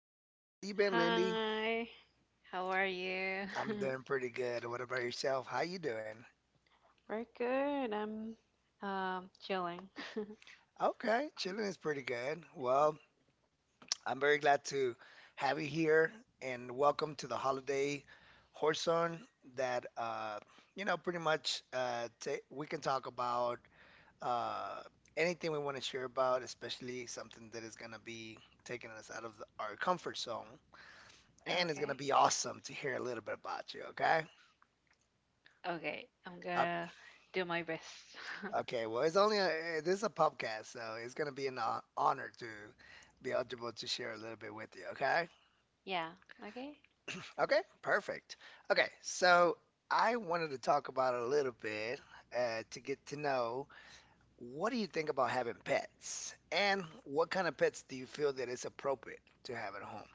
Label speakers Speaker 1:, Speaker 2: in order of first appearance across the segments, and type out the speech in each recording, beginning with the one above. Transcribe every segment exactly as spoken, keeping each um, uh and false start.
Speaker 1: up? How you been, Lily?
Speaker 2: Hi, how are you?
Speaker 1: I'm doing pretty good. What about yourself? How you doing?
Speaker 2: Very good. I'm um chilling.
Speaker 1: Okay, chilling is pretty good. Well, I'm very glad to have you here and welcome to the holiday horson that uh you know pretty much uh ta we can talk about uh anything we want to share about, especially something that is going to be taking us out of the, our comfort zone, and it's going to
Speaker 2: Okay,
Speaker 1: be awesome to hear a little bit about you, okay?
Speaker 2: okay, I'm
Speaker 1: Uh,
Speaker 2: gonna do my best.
Speaker 1: Okay, well, it's only a, eh, this is a podcast, so it's gonna be an hon- honor to be eligible to share a little bit with you. Okay.
Speaker 2: Yeah, okay.
Speaker 1: Okay. Perfect. Okay, so I wanted to talk about a little bit, uh, to get to know what do you think about having pets, and what kind of pets do you feel that it's appropriate to have at home?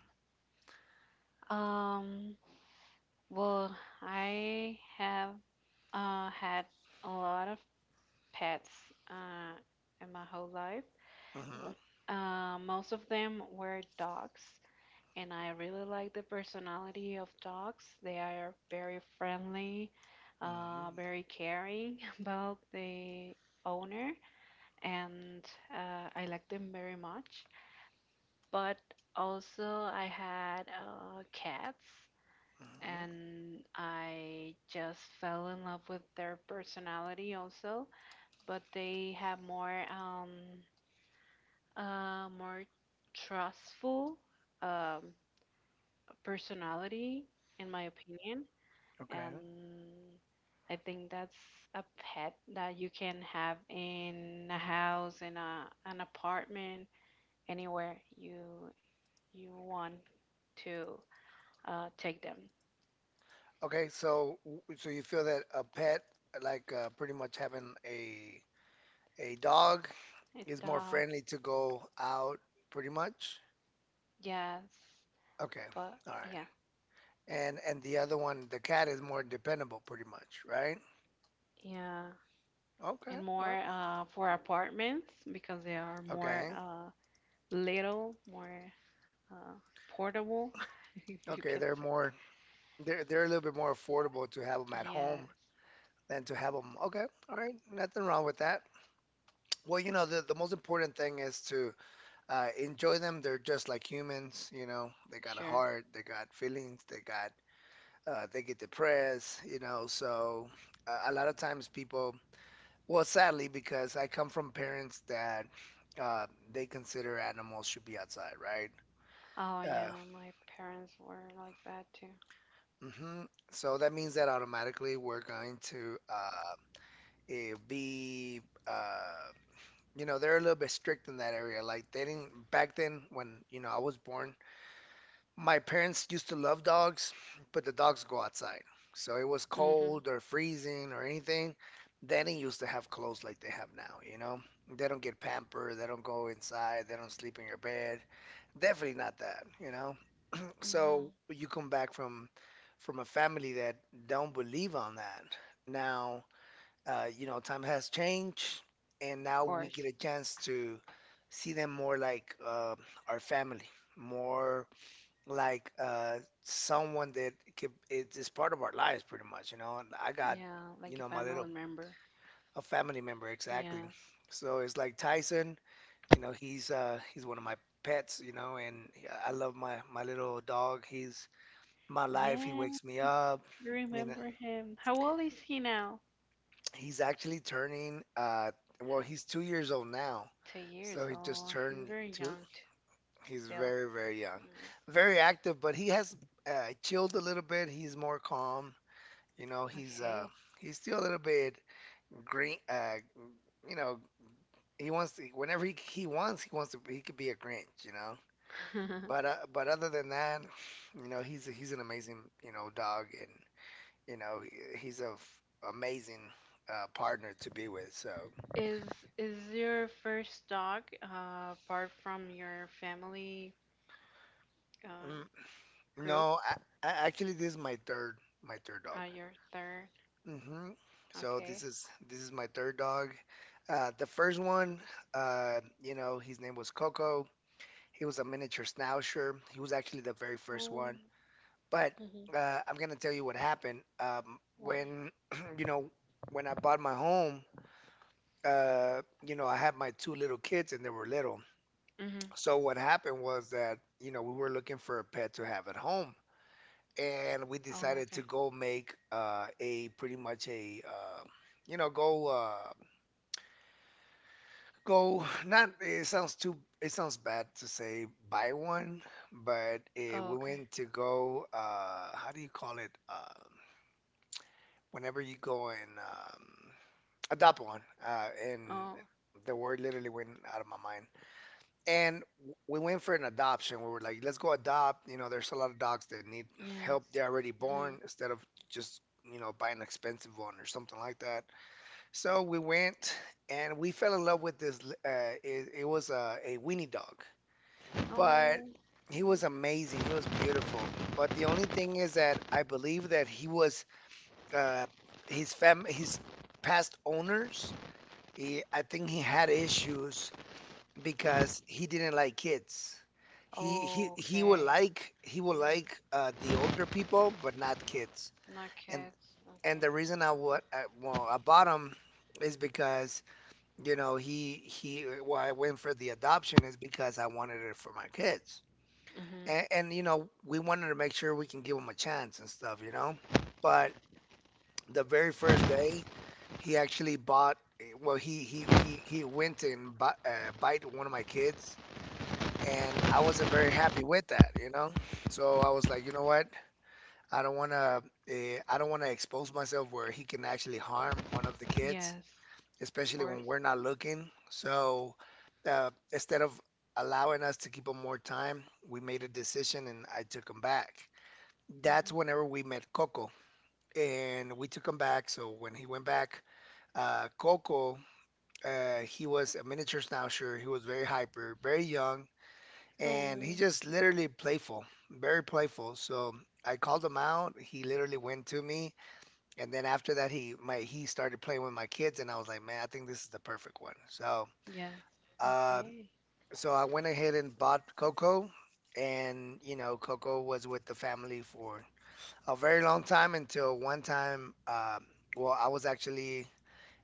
Speaker 2: Um, well, I have uh had a lot of pets uh in my whole life.
Speaker 1: Hmm.
Speaker 2: L- Uh, most of them were dogs. And I really like the personality of dogs. They are very friendly, uh,
Speaker 1: Hmm.
Speaker 2: very caring about the owner, and uh, I like them very much. But also, I had uh, cats,
Speaker 1: Hmm.
Speaker 2: and I just fell in love with their personality also. But they have more, um, uh, more trustful um, personality, in my opinion, and
Speaker 1: Okay.
Speaker 2: I think that's a pet that you can have in a house, in a an apartment, anywhere you you want to uh, take them.
Speaker 1: Okay. So, w- so you feel that a pet, like uh, pretty much having a A dog,
Speaker 2: A
Speaker 1: is more
Speaker 2: dog,
Speaker 1: friendly to go out, pretty much.
Speaker 2: yes,
Speaker 1: Okay,
Speaker 2: but
Speaker 1: all right.
Speaker 2: yeah,
Speaker 1: And and the other one, the cat, is more dependable, pretty much, right?
Speaker 2: yeah,
Speaker 1: Okay,
Speaker 2: and
Speaker 1: all
Speaker 2: more
Speaker 1: right.
Speaker 2: uh, for apartments because they are
Speaker 1: Okay,
Speaker 2: more uh, little, more uh, portable, if you
Speaker 1: okay.
Speaker 2: can
Speaker 1: They're
Speaker 2: say.
Speaker 1: more they're they're a little bit more affordable to have them at
Speaker 2: Yes,
Speaker 1: home than to have them. Okay, all right. Nothing wrong with that. Well, you know, the, the most important thing is to, uh, enjoy them. They're just like humans, you know. They got a
Speaker 2: sure.
Speaker 1: heart, they got feelings, they got uh, they get depressed, you know. So, uh, a lot of times people. Well, sadly, because I come from parents that, uh, they consider animals should be outside, right?
Speaker 2: Oh
Speaker 1: Uh,
Speaker 2: yeah, my parents were like that too.
Speaker 1: hmm So that means that automatically we're going to, uh, eh, be, uh, you know, they're a little bit strict in that area. Like they didn't back then when, you know, I was born. My parents used to love dogs, but the dogs go outside. So it was
Speaker 2: Mhm.
Speaker 1: cold or freezing or anything. They didn't used to have clothes like they have now, you know? They don't get pampered, they don't go inside, they don't sleep in your bed. Definitely not that, you know?
Speaker 2: Mhm.
Speaker 1: So you come back from from a family that don't believe on that. Now, uh, you know, time has changed, and
Speaker 2: Of
Speaker 1: now we get
Speaker 2: course.
Speaker 1: a chance to see them more like, uh, our family, more like uh someone that could, it is part of our lives pretty much, you know. And I got,
Speaker 2: Yeah,
Speaker 1: you
Speaker 2: like a
Speaker 1: know, my
Speaker 2: family
Speaker 1: little
Speaker 2: member.
Speaker 1: a family member, exactly.
Speaker 2: Yes.
Speaker 1: So it's like Tyson, you know, he's uh he's one of my pets, you know, and I love my my little dog. He's my life. He
Speaker 2: Yeah,
Speaker 1: wakes me up,
Speaker 2: I
Speaker 1: you know.
Speaker 2: remember him. How old is he now?
Speaker 1: He's actually turning uh well,
Speaker 2: Have
Speaker 1: he's two years old now.
Speaker 2: two
Speaker 1: So
Speaker 2: years
Speaker 1: he just
Speaker 2: old. He's
Speaker 1: turned
Speaker 2: very
Speaker 1: two.
Speaker 2: young too,
Speaker 1: He's
Speaker 2: still.
Speaker 1: very, very young,
Speaker 2: Mm.
Speaker 1: very active, but he has uh, chilled a little bit. He's more calm. You know, he's uh
Speaker 2: Okay.
Speaker 1: he's still a little bit green. Uh, you know, he wants to whenever he, he wants, he wants to. He could be a Grinch, you know. But uh, but other than that, you know, he's he's an amazing you know dog, and you know he, he's a f- amazing, uh, partner to be with. So
Speaker 2: Is is your first dog uh, apart from your family uh,
Speaker 1: mm,
Speaker 2: group?
Speaker 1: no, I, I actually, this is my third my third dog.
Speaker 2: Uh, your third.
Speaker 1: Hmm. So this
Speaker 2: Okay.
Speaker 1: is this is my third dog. Uh, the first one, uh, you know, his name was Coco. He was a miniature schnauzer. He was actually the very first
Speaker 2: Oh.
Speaker 1: one. But
Speaker 2: Mhm.
Speaker 1: uh, I'm gonna tell you what happened. Um,
Speaker 2: What?
Speaker 1: when you know, when I bought my home, uh, you know, I had my two little kids and they were little.
Speaker 2: Mhm.
Speaker 1: So what happened was that, you know, we were looking for a pet to have at home, and we
Speaker 2: Oh,
Speaker 1: decided to
Speaker 2: okay.
Speaker 1: go make, uh, a pretty much a, uh, you know, go, uh, go. Not it sounds too, it sounds bad to say buy one, but uh,
Speaker 2: Oh,
Speaker 1: we
Speaker 2: okay.
Speaker 1: went to go, uh how do you call it, um whenever you go and um adopt one, uh and
Speaker 2: Oh,
Speaker 1: the word literally went out of my mind. And w- we went for an adoption. We were like, let's go adopt, you know, there's a lot of dogs that need help,
Speaker 2: yes.
Speaker 1: they're already
Speaker 2: Mhm.
Speaker 1: born, instead of just, you know, buying an expensive one or something like that. So we went, and we fell in love with this. Uh, it, it was a, a weenie dog, but
Speaker 2: Oh,
Speaker 1: he
Speaker 2: Mhm.
Speaker 1: was amazing. He was beautiful. But the only thing is that I believe that he was, uh, his fam his past owners. He, I think he had issues because he didn't like kids. He he he would
Speaker 2: Okay.
Speaker 1: like he would
Speaker 2: Yeah.
Speaker 1: like, uh, the older people, but not kids.
Speaker 2: My
Speaker 1: And
Speaker 2: cats.
Speaker 1: and the
Speaker 2: Okay.
Speaker 1: reason I would I, well, I bought him is because, you know, he he. Uh, Why I went for the adoption is because I wanted it for my kids,
Speaker 2: Mhm.
Speaker 1: and, and you know, we wanted to make sure we can give him a chance and stuff, you know. But the very first day, he actually bought. Eh, well, he he he he went and bu uh, bite one of my kids, and I wasn't very happy with that, you know. So I was like, you know what? I don't want to. Uh, I don't want to expose myself where he can actually harm one of the kids,
Speaker 2: Yes, of
Speaker 1: especially
Speaker 2: course.
Speaker 1: when we're not looking. So, uh, instead of allowing us to keep him more time, we made a decision and I took him back. That's
Speaker 2: Mhm.
Speaker 1: whenever we met Coco, and we took him back. So when he went back, uh, Coco, uh, he was a miniature schnauzer. He was very hyper, very young, and he
Speaker 2: Oh,
Speaker 1: just literally playful, very playful. So I called him out. He literally went to me, and then after that, he my he started playing with my kids, and I was like, man, I think this is the perfect one. So,
Speaker 2: yes.
Speaker 1: Um,
Speaker 2: Okay.
Speaker 1: so I went ahead and bought Coco, and you know, Coco was with the family for a very long time until one time, um, well, I was actually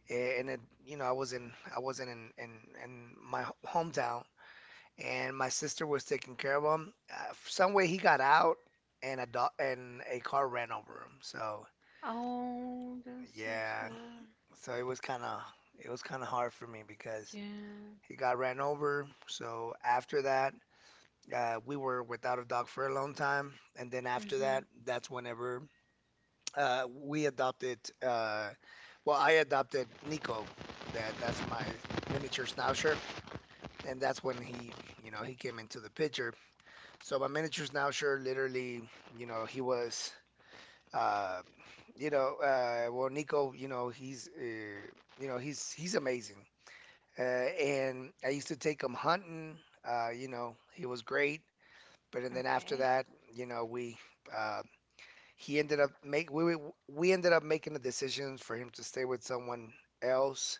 Speaker 1: in a, you know, I was in, I wasn't in, in, in my hometown, and my sister was taking care of him. Uh, some way he got out, and a dog, and a car ran over him. So
Speaker 2: Oh, that's so
Speaker 1: yeah,
Speaker 2: sad.
Speaker 1: so it was kind of, it was kind of hard for me because
Speaker 2: Yeah.
Speaker 1: he got ran over. So after that, Uh, we were without a dog for a long time, and then
Speaker 2: Mhm.
Speaker 1: after that,
Speaker 2: Mhm.
Speaker 1: that's whenever, uh, we adopted. Uh, well, I adopted Nico. That that's my miniature schnauzer, and that's when he, you know, he came into the picture. So my miniature schnauzer, literally, you know, he was, uh, you know, uh, well, Nico, you know, he's, uh, you know, he's he's amazing. Uh, and I used to take him hunting. Uh, you know, he was great. But and then after
Speaker 2: Okay.
Speaker 1: that, you know, we, uh, he ended up make we we we ended up making the decision for him to stay with someone else,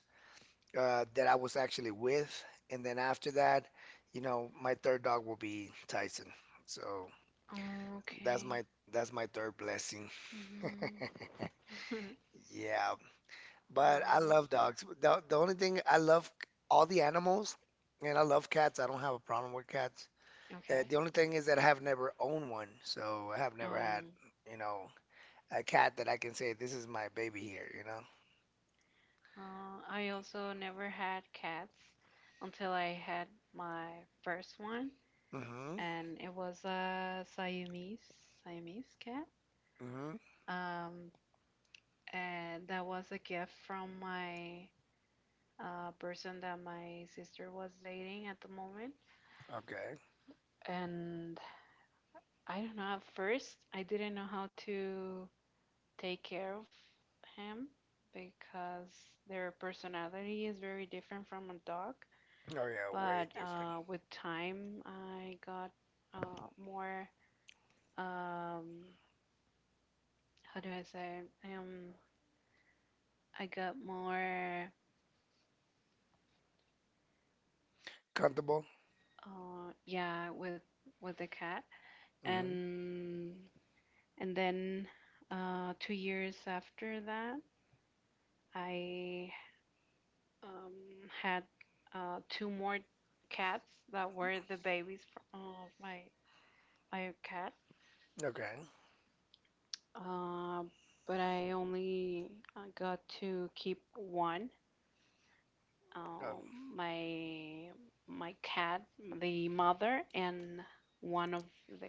Speaker 1: uh, that I was actually with, and then after that, you know, my third dog will be Tyson. So that's
Speaker 2: Okay.
Speaker 1: my that's my third blessing.
Speaker 2: Mhm.
Speaker 1: Yeah, but
Speaker 2: Oh,
Speaker 1: I
Speaker 2: that's
Speaker 1: love
Speaker 2: hurt.
Speaker 1: dogs. The, the only thing, I love all the animals, and I love cats. I don't have a problem with cats. Uh,
Speaker 2: Okay.
Speaker 1: the only thing is that I have never owned one, so I have never had,
Speaker 2: Um.
Speaker 1: you know, a cat that I can say this is my baby here, you
Speaker 2: Uh, I also never had cats until I had my first one,
Speaker 1: know? Mm-hmm.
Speaker 2: and it was a Siamese Siamese cat.
Speaker 1: Mm-hmm.
Speaker 2: Um, and that was a gift from my uh, person that my sister was dating at the moment.
Speaker 1: Okay.
Speaker 2: And I don't know. At first, I didn't know how to take care of him because their personality is very different from a dog.
Speaker 1: Oh yeah, way
Speaker 2: But
Speaker 1: different.
Speaker 2: uh, with time, I got uh, more. Um, how do I say? Um, I got more.
Speaker 1: Comfortable?
Speaker 2: Uh, yeah, with with the cat,
Speaker 1: Mm-hmm.
Speaker 2: and and then uh, two years after that, I um, had uh, two more cats that were the babies fr- of my my cat.
Speaker 1: Okay.
Speaker 2: Uh, but I only uh, got to keep one,
Speaker 1: Oh,
Speaker 2: um, my my cat, the mother, and one of the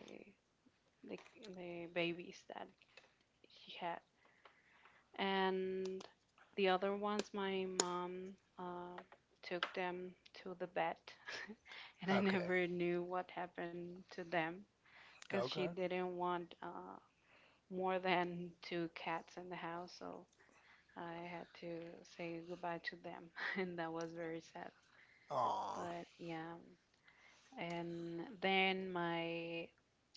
Speaker 2: the, the babies that she had, and the other ones my mom um took them to the vet, and I
Speaker 1: okay.
Speaker 2: never knew what happened to them because she
Speaker 1: Okay.
Speaker 2: didn't want uh, more than two cats in the house, so I had to say goodbye to them, and that was very sad.
Speaker 1: Oh.
Speaker 2: But yeah, and then my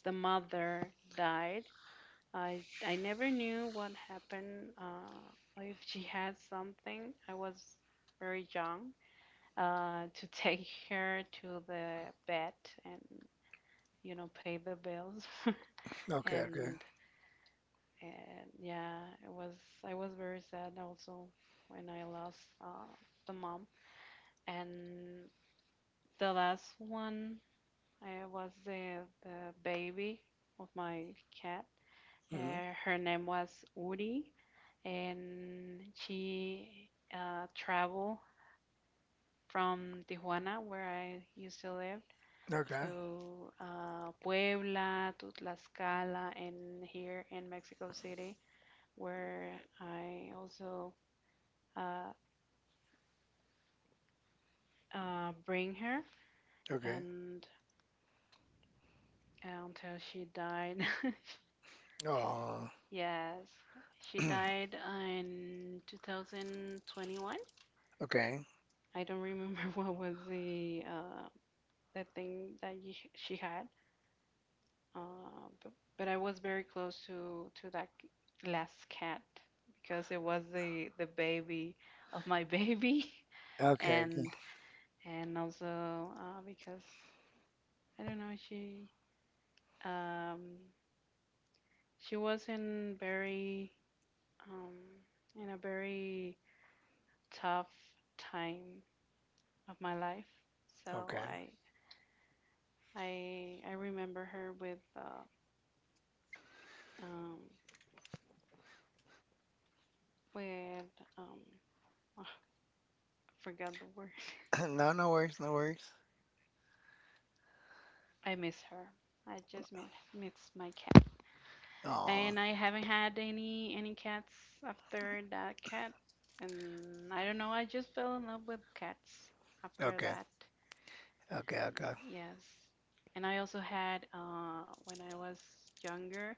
Speaker 2: the mother died. I I never knew what happened. Uh, if she had something, I was very young uh, to take her to the vet and you know pay the bills.
Speaker 1: Okay, okay.
Speaker 2: and and yeah, it was I was very sad also when I lost uh, the mom. And the last one I was the, the baby of my cat.
Speaker 1: Mm-hmm.
Speaker 2: Uh, her name was Uri, and she uh, traveled from Tijuana, where I used to live,
Speaker 1: Okay.
Speaker 2: to uh, Puebla, to Tlaxcala, and here in Mexico City, where I also uh, uh, bring her,
Speaker 1: Okay.
Speaker 2: and until she died.
Speaker 1: Oh.
Speaker 2: Yes, she died in twenty twenty-one.
Speaker 1: Okay.
Speaker 2: I don't remember what was the uh, the thing that y she had, uh, but, but I was very close to to that c- last cat because it was the the baby of my baby,
Speaker 1: Okay, okay.
Speaker 2: and and also uh, because I don't know she um, she was in very um, in a very tough time of my life. So
Speaker 1: Okay.
Speaker 2: I I I remember her with uh, um with um oh, I forgot the word.
Speaker 1: No, no worries, no worries.
Speaker 2: I miss her. I just miss miss my cat.
Speaker 1: Oh.
Speaker 2: And I haven't had any any cats after that cat. And I don't know. I just fell in love with cats after
Speaker 1: Okay.
Speaker 2: that.
Speaker 1: Okay,
Speaker 2: And
Speaker 1: okay.
Speaker 2: yes. And I also had uh when I was younger,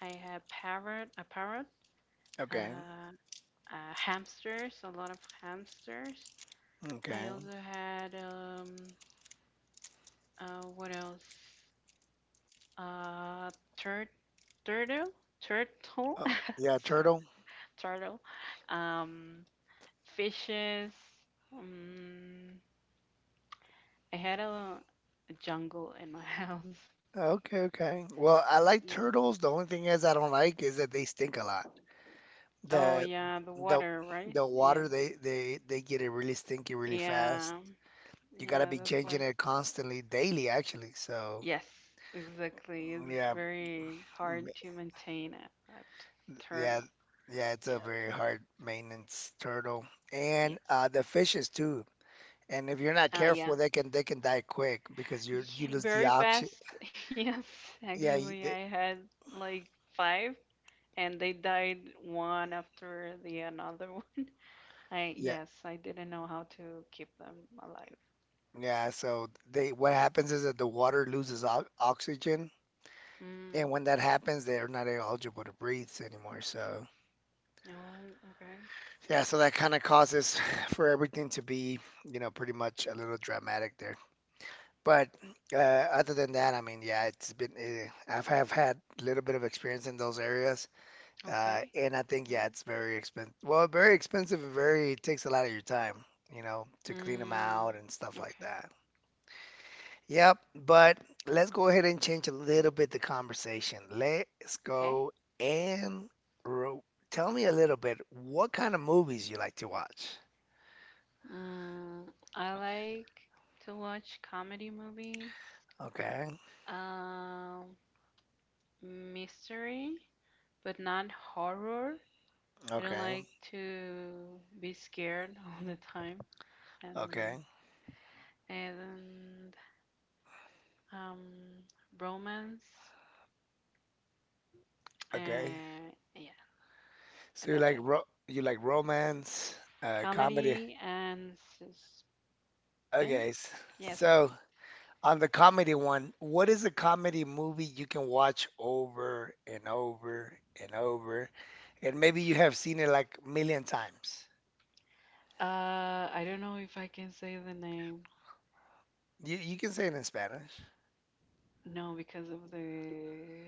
Speaker 2: I had parrot a parrot.
Speaker 1: Okay.
Speaker 2: Uh, uh, hamsters, a lot of hamsters. I
Speaker 1: Okay.
Speaker 2: also had um, uh, what else? Uh, tur- turtle, turtle,
Speaker 1: Oh, yeah,
Speaker 2: sorry,
Speaker 1: turtle.
Speaker 2: turtle. Um, fishes. Um, I had a, a jungle in my house.
Speaker 1: Okay, okay. Well, I like
Speaker 2: Yeah.
Speaker 1: turtles. The only thing is I don't like is that they stink a lot.
Speaker 2: Oh
Speaker 1: The
Speaker 2: yeah, the
Speaker 1: the
Speaker 2: water, right?
Speaker 1: the
Speaker 2: Yes.
Speaker 1: water, they they they get it really stinky really fast.
Speaker 2: Yeah.
Speaker 1: You gotta
Speaker 2: Yeah,
Speaker 1: be
Speaker 2: that's
Speaker 1: changing
Speaker 2: why.
Speaker 1: it constantly, daily actually. So
Speaker 2: Yes, exactly. It's
Speaker 1: yeah,
Speaker 2: very
Speaker 1: m-
Speaker 2: hard to maintain a, a
Speaker 1: yeah,
Speaker 2: turtle.
Speaker 1: yeah. It's a
Speaker 2: Yes.
Speaker 1: very hard maintenance turtle, and,
Speaker 2: Yes.
Speaker 1: uh, the fishes too. And if you're not
Speaker 2: Uh, yeah.
Speaker 1: careful, they can they can die quick because you you
Speaker 2: Yeah,
Speaker 1: lose the
Speaker 2: very
Speaker 1: oxygen.
Speaker 2: fast. Yes,
Speaker 1: Yeah, you-
Speaker 2: actually,
Speaker 1: they,
Speaker 2: I had like five, and they died one after the another one. I
Speaker 1: yeah,
Speaker 2: yes, I didn't know how to keep them alive.
Speaker 1: yeah. So they, what happens is that the water loses o oxygen,
Speaker 2: Mm.
Speaker 1: and when that happens, they're not eligible to breathe anymore. So.
Speaker 2: Oh, okay.
Speaker 1: Yeah, so that kind of causes for everything to be, you know, pretty much a little dramatic there. But uh, other than that, I mean, yeah, it's been, uh, I've have had a little bit of experience in those areas, uh,
Speaker 2: Okay.
Speaker 1: and I think yeah,
Speaker 2: Mm.
Speaker 1: it's very expensive. Well, very expensive, and very it takes a lot of your time, you know, to clean them
Speaker 2: Mm.
Speaker 1: out and stuff like
Speaker 2: Okay.
Speaker 1: that. Yep, but let's go ahead and change a little bit the conversation. Let's
Speaker 2: Okay.
Speaker 1: go and ro tell me a little bit what kind of movies you like to watch.
Speaker 2: Mm. I like to watch comedy movies.
Speaker 1: Okay.
Speaker 2: Um, mystery, but not horror. I don't
Speaker 1: Okay.
Speaker 2: like to be scared all the time and
Speaker 1: Okay.
Speaker 2: and um romance,
Speaker 1: Okay.
Speaker 2: uh yeah,
Speaker 1: So
Speaker 2: and
Speaker 1: you
Speaker 2: that's
Speaker 1: like
Speaker 2: it.
Speaker 1: ro you like romance, uh, comedy.
Speaker 2: Comedy and suspense.
Speaker 1: Okay. s-
Speaker 2: Yes.
Speaker 1: So on the comedy one, what is a comedy movie you can watch over and over and over, and maybe you have seen it like a million times.
Speaker 2: uh I don't know if I can say the name,
Speaker 1: You you can say it in Spanish.
Speaker 2: no, because of the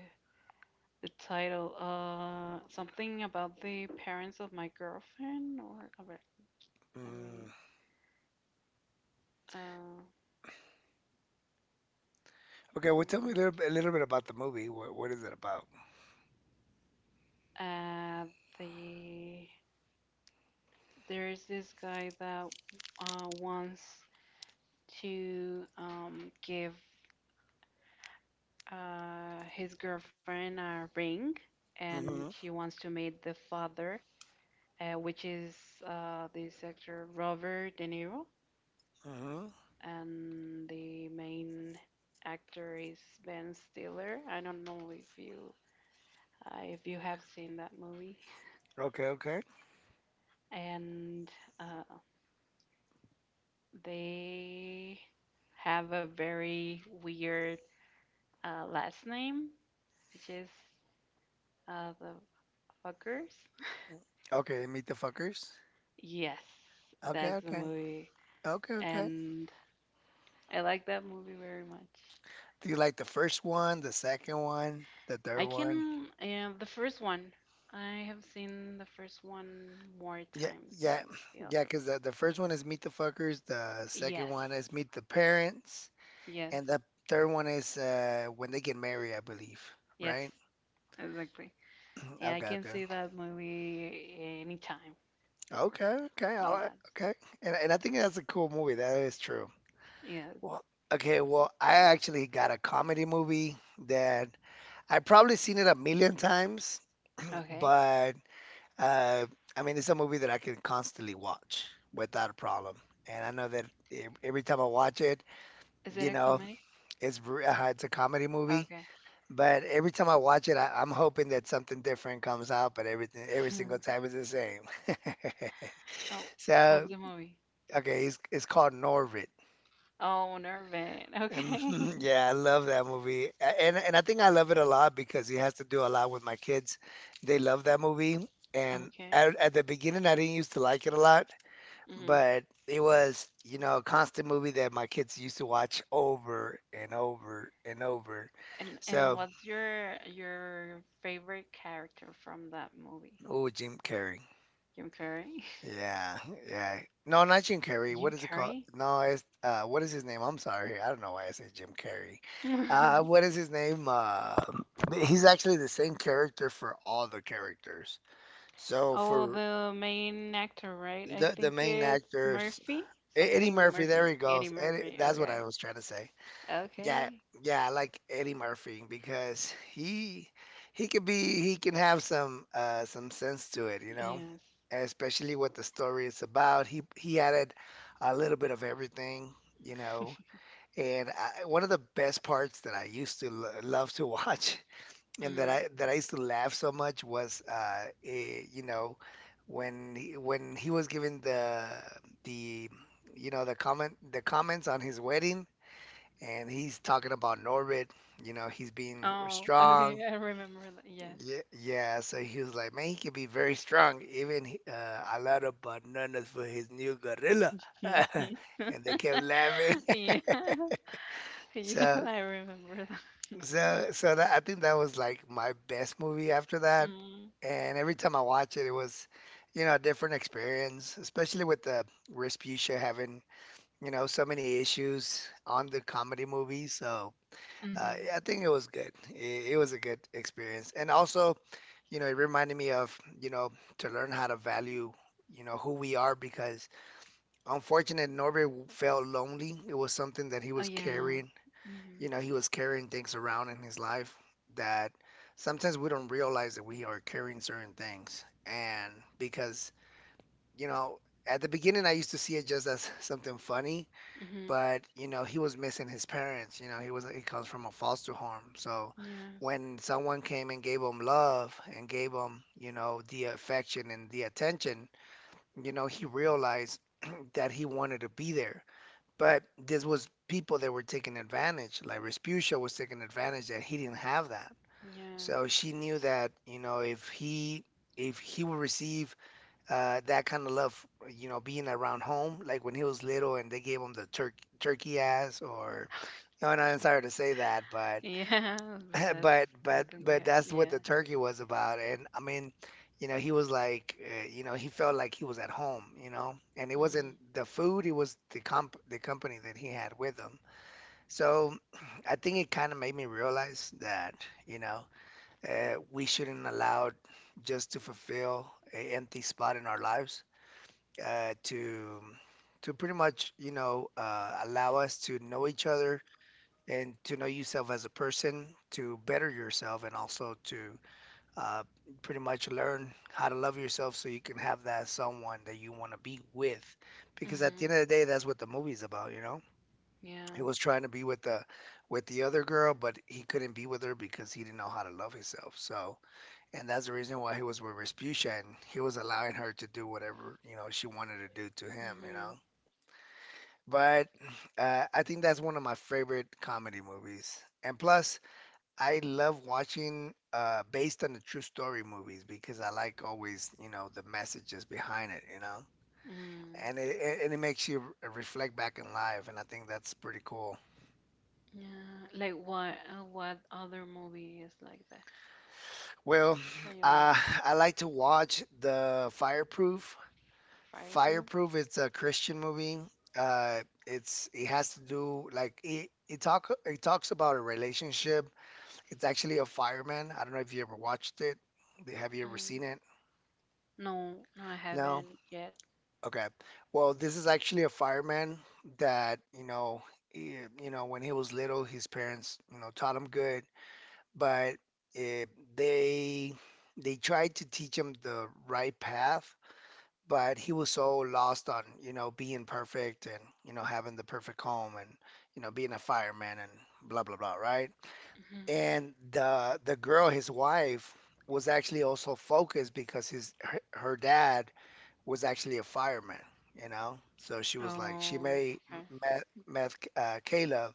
Speaker 2: the title, uh something about the parents of my girlfriend or a ver, let
Speaker 1: Mm.
Speaker 2: me uh
Speaker 1: Okay. Well, tell me a
Speaker 2: mm,
Speaker 1: little bit, a little bit about the movie. What what is it about?
Speaker 2: uh the there is this guy that uh, wants to um, give uh, his girlfriend a ring, and
Speaker 1: Mm-hmm.
Speaker 2: she wants to meet the father, uh, which is uh, this actor Robert De Niro,
Speaker 1: Mm-hmm.
Speaker 2: and the main actor is Ben Stiller. I don't know if you uh, if you have seen that movie,
Speaker 1: Okay. Okay.
Speaker 2: and uh, they have a very weird uh, last name, which is uh, the fuckers.
Speaker 1: Okay. Meet the Fuckers.
Speaker 2: Yes,
Speaker 1: Okay.
Speaker 2: that's the
Speaker 1: Okay.
Speaker 2: movie,
Speaker 1: Okay. Okay.
Speaker 2: and I like that movie very much.
Speaker 1: Do you like the first one, the second one, the third
Speaker 2: I
Speaker 1: one?
Speaker 2: can um, the first one. I have seen the first one more
Speaker 1: Yeah,
Speaker 2: times than
Speaker 1: yeah,
Speaker 2: the
Speaker 1: yeah.
Speaker 2: other one.
Speaker 1: Cause the, the first one is Meet the Fuckers. The second
Speaker 2: Yes,
Speaker 1: one is Meet the Parents,
Speaker 2: yes,
Speaker 1: and the third one is uh, when they get married, I believe.
Speaker 2: yes,
Speaker 1: Right?
Speaker 2: exactly. Yeah, I
Speaker 1: Okay,
Speaker 2: can
Speaker 1: okay,
Speaker 2: see that movie anytime.
Speaker 1: okay, okay. I like,
Speaker 2: Yeah,
Speaker 1: okay, and and I think that's a cool movie. That is true.
Speaker 2: yeah.
Speaker 1: Well, okay. Well, I actually got a comedy movie that I probably seen it a million times,
Speaker 2: Okay.
Speaker 1: but Uh, I mean, it's a movie that I can constantly watch without a problem. And I know that e- every time I watch it,
Speaker 2: Is it a
Speaker 1: you know,
Speaker 2: comedy?
Speaker 1: it's ver- uh, it's a comedy movie,
Speaker 2: Okay.
Speaker 1: but every time I watch it, I, I'm hoping that something different comes out, but everything every single time is the same.
Speaker 2: Oh, what's
Speaker 1: So,
Speaker 2: the movie?
Speaker 1: okay, it's it's called Norbit.
Speaker 2: Oh, Nervant. Okay.
Speaker 1: Mhm, yeah, I love that movie. A- And and I think I love it a lot because it has to do a lot with my kids. They love that movie. And
Speaker 2: Okay.
Speaker 1: at, at the beginning, I didn't used to like it a lot.
Speaker 2: Hmm.
Speaker 1: But it was, you know, a constant movie that my kids used to watch over and over and over.
Speaker 2: And and
Speaker 1: So,
Speaker 2: what's your your favorite character from that movie?
Speaker 1: oh, Jim Carrey.
Speaker 2: Jim Carrey?
Speaker 1: Yeah, yeah. No, not Jim Carrey. What
Speaker 2: Jim
Speaker 1: is it called?
Speaker 2: Carrey?
Speaker 1: No, it's uh, what is his name? I'm sorry. I don't know why I said Jim Carrey. Uh, what is his name? Uh, he's actually the same character for all the characters. So
Speaker 2: Oh,
Speaker 1: for
Speaker 2: the main actor, right? I
Speaker 1: the the
Speaker 2: think
Speaker 1: main
Speaker 2: it's
Speaker 1: actors,
Speaker 2: Murphy,
Speaker 1: E- Eddie
Speaker 2: something
Speaker 1: Murphy. There
Speaker 2: Murphy,
Speaker 1: he
Speaker 2: Eddie
Speaker 1: goes. Eddie,
Speaker 2: Murphy.
Speaker 1: that's what I
Speaker 2: Okay.
Speaker 1: was trying to say. Yeah,
Speaker 2: Okay.
Speaker 1: yeah, I like Eddie Murphy because he he could be he can have some uh some sense to it, you know,
Speaker 2: Yes.
Speaker 1: especially what the story is about. He he added a little bit of everything, you know. And I, one of the best parts that I used to lo love to watch and that
Speaker 2: Mm.
Speaker 1: I that I used to laugh so much was uh eh, you know when he, when he was given the the you know the comment the comments on his wedding and he's talking about Norbit. You know, he's being
Speaker 2: Oh,
Speaker 1: strong.
Speaker 2: okay. I remember that. Yes.
Speaker 1: Yeah, yeah. So he was like, man, he can be very strong. Even he- uh, I lot of bananas for his new gorilla, and they kept laughing.
Speaker 2: Yeah. Yeah,
Speaker 1: So,
Speaker 2: I remember
Speaker 1: so, so that, I think that was like my best movie after that.
Speaker 2: that.
Speaker 1: And every time I watch it, it was, you know, a different experience, especially with the Respucia having, you know, so many issues on the comedy movie. So Uh,
Speaker 2: Mhm.
Speaker 1: yeah, I think it was good. It, it was a good experience. And also, you know, it reminded me of, you know, to learn how to value, you know, who we are because unfortunate Norbert felt lonely. It was something that he
Speaker 2: Oh
Speaker 1: was
Speaker 2: yeah.
Speaker 1: carrying,
Speaker 2: Mhm.
Speaker 1: you know, he was carrying things around in his life that sometimes we don't realize that we are carrying certain things. And because, you know, at the beginning I used to see it just as something funny
Speaker 2: Mhm.
Speaker 1: but you know he was missing his parents. you know he was he comes from a foster home, so
Speaker 2: Yes.
Speaker 1: when someone came and gave him love and gave him you know the affection and the attention you know he realized that he wanted to be there, but this was people that were taking advantage like Respucia was taking advantage that he didn't have that.
Speaker 2: Yeah.
Speaker 1: So she knew that you know if he if he would receive uh, that kind of love, you know, being around home, like when he was little and they gave him the turkey, turkey ass, or no, no, I'm sorry to say that, but
Speaker 2: Yeah, but that's
Speaker 1: but but
Speaker 2: something we
Speaker 1: but
Speaker 2: have.
Speaker 1: that's what
Speaker 2: Yeah.
Speaker 1: the turkey was about. And I mean, you know, he was like, uh, you know, he felt like he was at home, you know, and it
Speaker 2: Mhm.
Speaker 1: wasn't the food, it was the comp the company that he had with him. So I think it kind of made me realize that, you know, uh, we shouldn't allow just to fulfill an empty spot in our lives uh, to to pretty much you know uh, allow us to know each other and to know yourself as a person to better yourself and also to uh, pretty much learn how to love yourself so you can have that someone that you want to be with, because at the end
Speaker 2: Mhm.
Speaker 1: of the day that's what the movie's about you know he was
Speaker 2: Yes.
Speaker 1: trying to be with the with the other girl but he couldn't be with her because he didn't know how to love himself. So and that's the reason why he was with Respucia and he was allowing her to do whatever you know she wanted to do to him you know
Speaker 2: Mhm.
Speaker 1: But uh, I think that's one of my favorite comedy movies. And plus, I love watching uh, based on the true story movies because I like always, you know, the messages behind it, you know.
Speaker 2: Mm.
Speaker 1: And it, it- and it makes you r- reflect back in life, and I think that's pretty cool.
Speaker 2: Yeah. Like what? Uh, what other movie is like that?
Speaker 1: Well,
Speaker 2: That you
Speaker 1: uh,
Speaker 2: like?
Speaker 1: I like to watch the Fireproof.
Speaker 2: Fireproof?
Speaker 1: Fireproof, it's a Christian movie. Uh, it's it has to do like it, it talk it talks about a relationship. It's actually a fireman. I don't know if you ever watched it. Have you ever seen
Speaker 2: Mm.
Speaker 1: it?
Speaker 2: No, no, I
Speaker 1: No?
Speaker 2: haven't yet.
Speaker 1: Okay. Well, this is actually a fireman that, you know, he, you know, when he was little, his parents, you know, taught him good, but eh, they they tried to teach him the right path, but he was so lost on, you know, being perfect and, you know, having the perfect home and, you know, being a fireman and blah blah blah, right?
Speaker 2: Mhm.
Speaker 1: And the the girl, his wife, was actually also focused because his her, her dad was actually a fireman, you know? So she was like, she
Speaker 2: Oh,
Speaker 1: made
Speaker 2: okay.
Speaker 1: met, met uh, Caleb,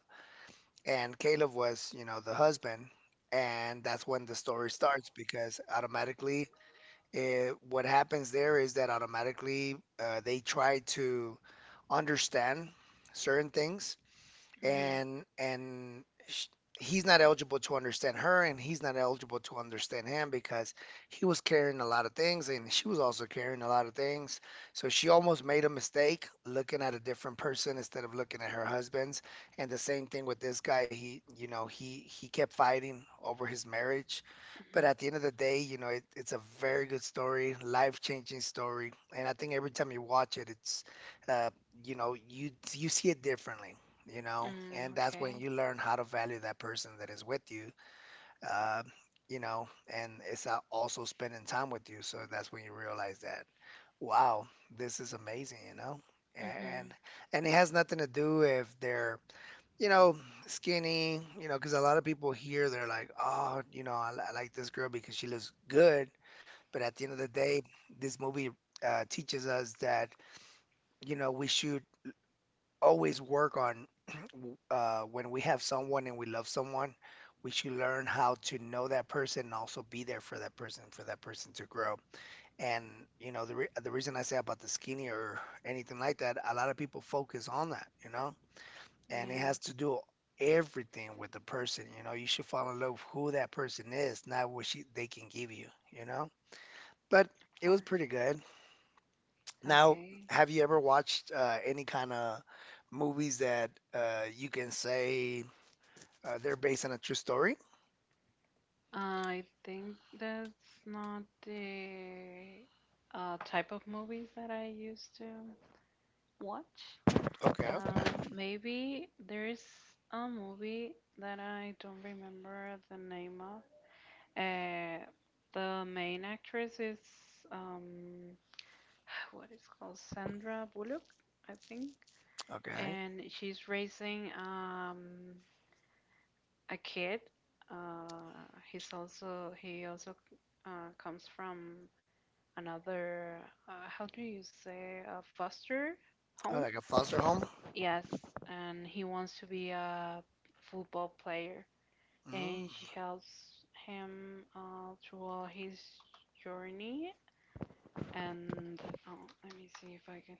Speaker 1: and Caleb was, you know, the husband. And that's when the story starts because automatically, eh, what happens there is that automatically uh, they try to understand certain things
Speaker 2: Mhm.
Speaker 1: and and sh he's not eligible to understand her and he's not eligible to understand him because he was carrying a lot of things and she was also carrying a lot of things, so she almost made a mistake looking at a different person instead of looking at her husband's, and the same thing with this guy he you know he he kept fighting over his marriage. But
Speaker 2: Mhm.
Speaker 1: at the end of the day, you know it, it's a very good story, life-changing story, and I think every time you watch it it's uh, you know you you see it differently, you know, and
Speaker 2: Mm,
Speaker 1: that's when
Speaker 2: okay.
Speaker 1: you learn how to value that person that is with you, uh, you know, and it's a- also spending time with you. So that's when you realize that, wow, this is amazing, you know, and
Speaker 2: Mhm.
Speaker 1: and it has nothing to do if they're, you know, skinny, you know, because a lot of people here they're like, oh, you know, I, li- I like this girl because she looks good, but at the end of the day, this movie uh, teaches us that, you know, we should always work on uh, when we have someone and we love someone, we should learn how to know that person and also be there for that person, for that person to grow. And you know, the re the reason I say about the skinny or anything like that, a lot of people focus on that, you know, and it
Speaker 2: Yeah,
Speaker 1: has
Speaker 2: of
Speaker 1: to do everything with the person. You know, you should fall in love with who that person is, not what she they can give you, you know. But it was pretty
Speaker 2: course.
Speaker 1: good. Now,
Speaker 2: Okay.
Speaker 1: have you ever watched uh, any kind of movies that uh, you can say uh, they're based on a true story?
Speaker 2: I think that's not the uh, type of movies that I used to watch.
Speaker 1: Okay,
Speaker 2: Um,
Speaker 1: okay,
Speaker 2: maybe there's a movie that I don't remember the name of. Uh, the main actress is um, what is called Sandra Bullock, I think,
Speaker 1: okay.
Speaker 2: and she's raising um, a kid. Uh, he's also he also uh, comes from another, uh, how do you say, a foster
Speaker 1: Oh,
Speaker 2: home?
Speaker 1: like a foster home?
Speaker 2: Yes, and he wants to be a football player,
Speaker 1: Mm.
Speaker 2: and she helps him uh, throughout his journey. And oh, let me see if I can.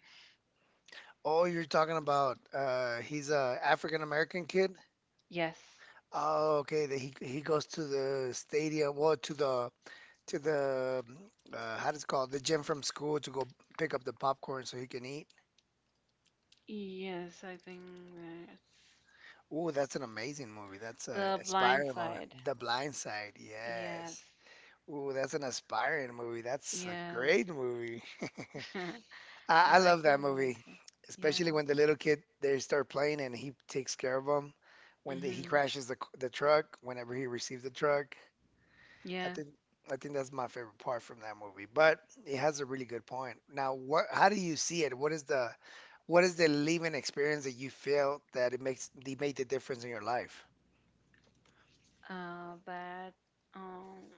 Speaker 1: Oh, you're talking about uh, he's a African American kid?
Speaker 2: Yes,
Speaker 1: Oh, okay. That he he goes to the stadium, well, to the to the mm, uh, how does it called, the gym from school, to go pick up the popcorn so he can eat.
Speaker 2: yes, I think that's
Speaker 1: Oh, that's an amazing movie. That's a
Speaker 2: the Blind
Speaker 1: inspiring movie.
Speaker 2: Side.
Speaker 1: The Blind Side, yes.
Speaker 2: Yes,
Speaker 1: Ooh, that's an aspiring movie. That's a
Speaker 2: yes,
Speaker 1: great movie. I, I
Speaker 2: I like
Speaker 1: love that
Speaker 2: that movie
Speaker 1: movie,
Speaker 2: too. Yeah.
Speaker 1: especially when the little kid they start playing and he takes care of them. When the, he
Speaker 2: Mm-hmm.
Speaker 1: crashes the the truck, whenever he receives the truck, I
Speaker 2: Yeah.
Speaker 1: think I think that's my favorite part from that movie. But it has a really good point. Now, what? How do you see it? What is the what is the living experience that you feel that it makes, they made the difference in your life?
Speaker 2: Uh, that. Um.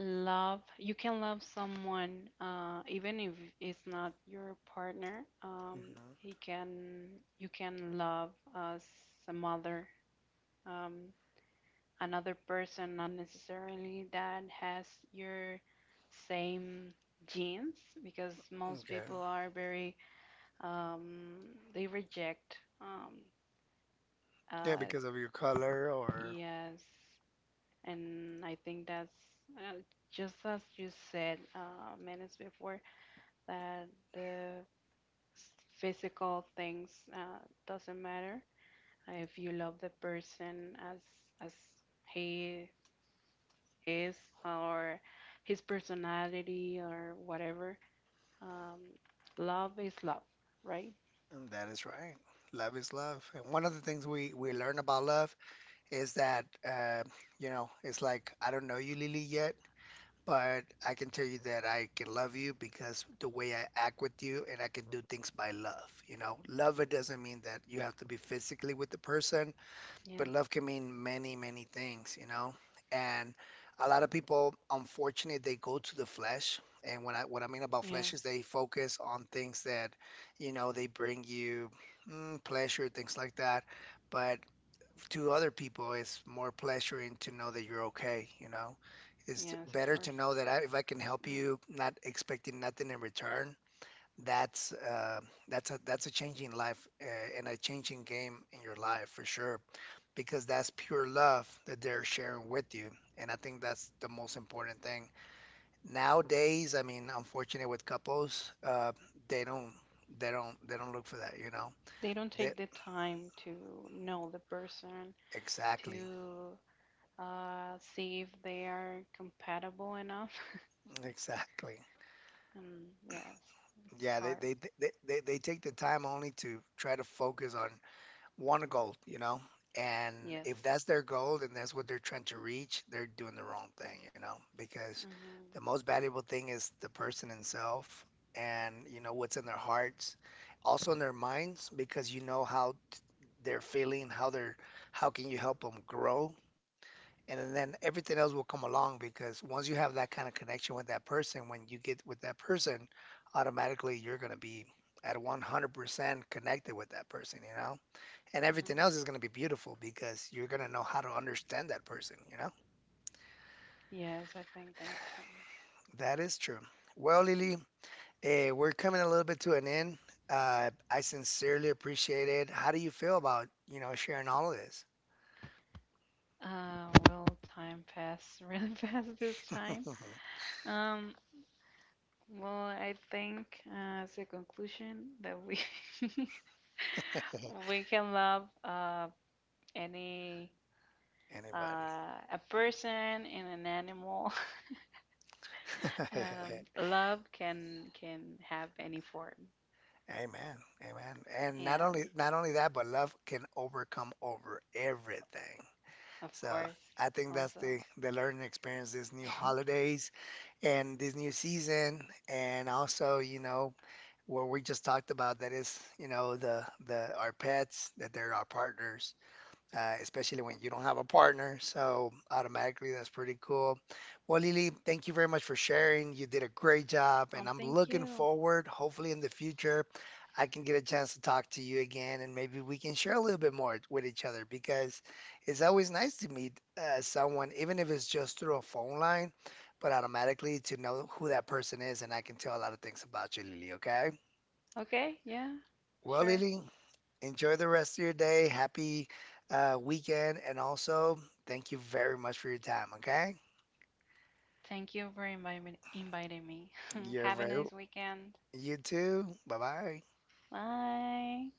Speaker 2: Love, you can love someone uh, even if it's not your partner. Um,
Speaker 1: Hmm.
Speaker 2: he can you can love as a mother, um, another person, not necessarily that has your same genes, because most
Speaker 1: Okay.
Speaker 2: people are very, um, they reject, um,
Speaker 1: Yeah,
Speaker 2: uh,
Speaker 1: because of your color, or,
Speaker 2: yes. And I think that's, uh, just as you said, uh, minutes before, that the s- physical things, uh, doesn't matter. If you love the person as as he is, or his personality or whatever, um, love is love, right?
Speaker 1: and that is right. Love is love. And one of the things we we learn about love is that uh, you know, it's like I don't know you, Lily, yet, but I can tell you that I can love you because the way I act with you, and I can do things by love, you know. Love, it doesn't mean that you have to be physically with the person, but
Speaker 2: Yes,
Speaker 1: love can mean many, many things, you know? And a lot of people, unfortunate, they go to the flesh. And when I, what I mean about flesh is
Speaker 2: yes,
Speaker 1: they focus on things that, you know, they bring you mm, pleasure, things like that. But to other people, it's more pleasuring to know that you're okay, you know? It's
Speaker 2: yes, of
Speaker 1: better to
Speaker 2: course.
Speaker 1: know that I, if I can help
Speaker 2: Mhm.
Speaker 1: you, not expecting nothing in return, that's uh, that's a, that's a changing life, uh, and a changing game in your life, for sure, because that's pure love that they're sharing with you. And I think that's the most important thing. Nowadays, I mean, unfortunately with couples, uh, they don't, they don't they don't look for that, you know.
Speaker 2: They don't
Speaker 1: They,
Speaker 2: take the time to know the person,
Speaker 1: exactly.
Speaker 2: to uh, see if they are compatible enough.
Speaker 1: Exactly.
Speaker 2: Um, yes, it's
Speaker 1: Yeah, they
Speaker 2: hard.
Speaker 1: they they, they, they take the time only to try to focus on want a goal, you know? And
Speaker 2: Yes.
Speaker 1: if that's their goal and that's what they're trying to reach, they're doing the wrong thing, you know? Because
Speaker 2: Mhm,
Speaker 1: the most valuable thing is the person himself, and, you know, what's in their hearts, also in their minds, because you know how t- they're feeling, how they're, how can you help them grow? And then everything else will come along, because once you have that kind of connection with that person, when you get with that person, automatically you're going to be at one hundred percent connected with that person, you know? And everything
Speaker 2: mhm.
Speaker 1: else is going to be beautiful, because you're going to know how to understand that person, you know?
Speaker 2: Yes, I think that too.
Speaker 1: That is true. Well, Lily, eh, we're coming a little bit to an end. Uh, I sincerely appreciate it. How do you feel about, you know, sharing all of this?
Speaker 2: Uh, will time pass really fast this time? Um, well, I think uh, as a conclusion that we we can love uh any
Speaker 1: Anybody?
Speaker 2: uh a person and an animal. Um, love can can have any form.
Speaker 1: Amen. Amen. And not
Speaker 2: Yes,
Speaker 1: only not only that, but love can overcome over everything.
Speaker 2: of
Speaker 1: So
Speaker 2: course.
Speaker 1: I think that's
Speaker 2: Also.
Speaker 1: the the learning experience, this new holidays and this new season, and also, you know, what we just talked about, that is, you know, the the our pets, that they're our partners, uh, especially when you don't have a partner, so automatically that's pretty cool. Well, Lily, thank you very much for sharing. You did a great job
Speaker 2: Um,
Speaker 1: and I'm
Speaker 2: thank
Speaker 1: looking
Speaker 2: you.
Speaker 1: forward, hopefully in the future I can get a chance to talk to you again, and maybe we can share a little bit more with each other, because it's always nice to meet uh, someone, even if it's just through a phone line, but automatically to know who that person is. And I can tell a lot of things about you, Lily, okay?
Speaker 2: Okay, yeah,
Speaker 1: Well,
Speaker 2: sure.
Speaker 1: Lily, enjoy the rest of your day. Happy uh, weekend. And also, thank you very much for your time, okay?
Speaker 2: Thank you for invi- inviting me.
Speaker 1: You're
Speaker 2: Have a
Speaker 1: very,
Speaker 2: nice weekend.
Speaker 1: you too. Bye bye.
Speaker 2: Bye.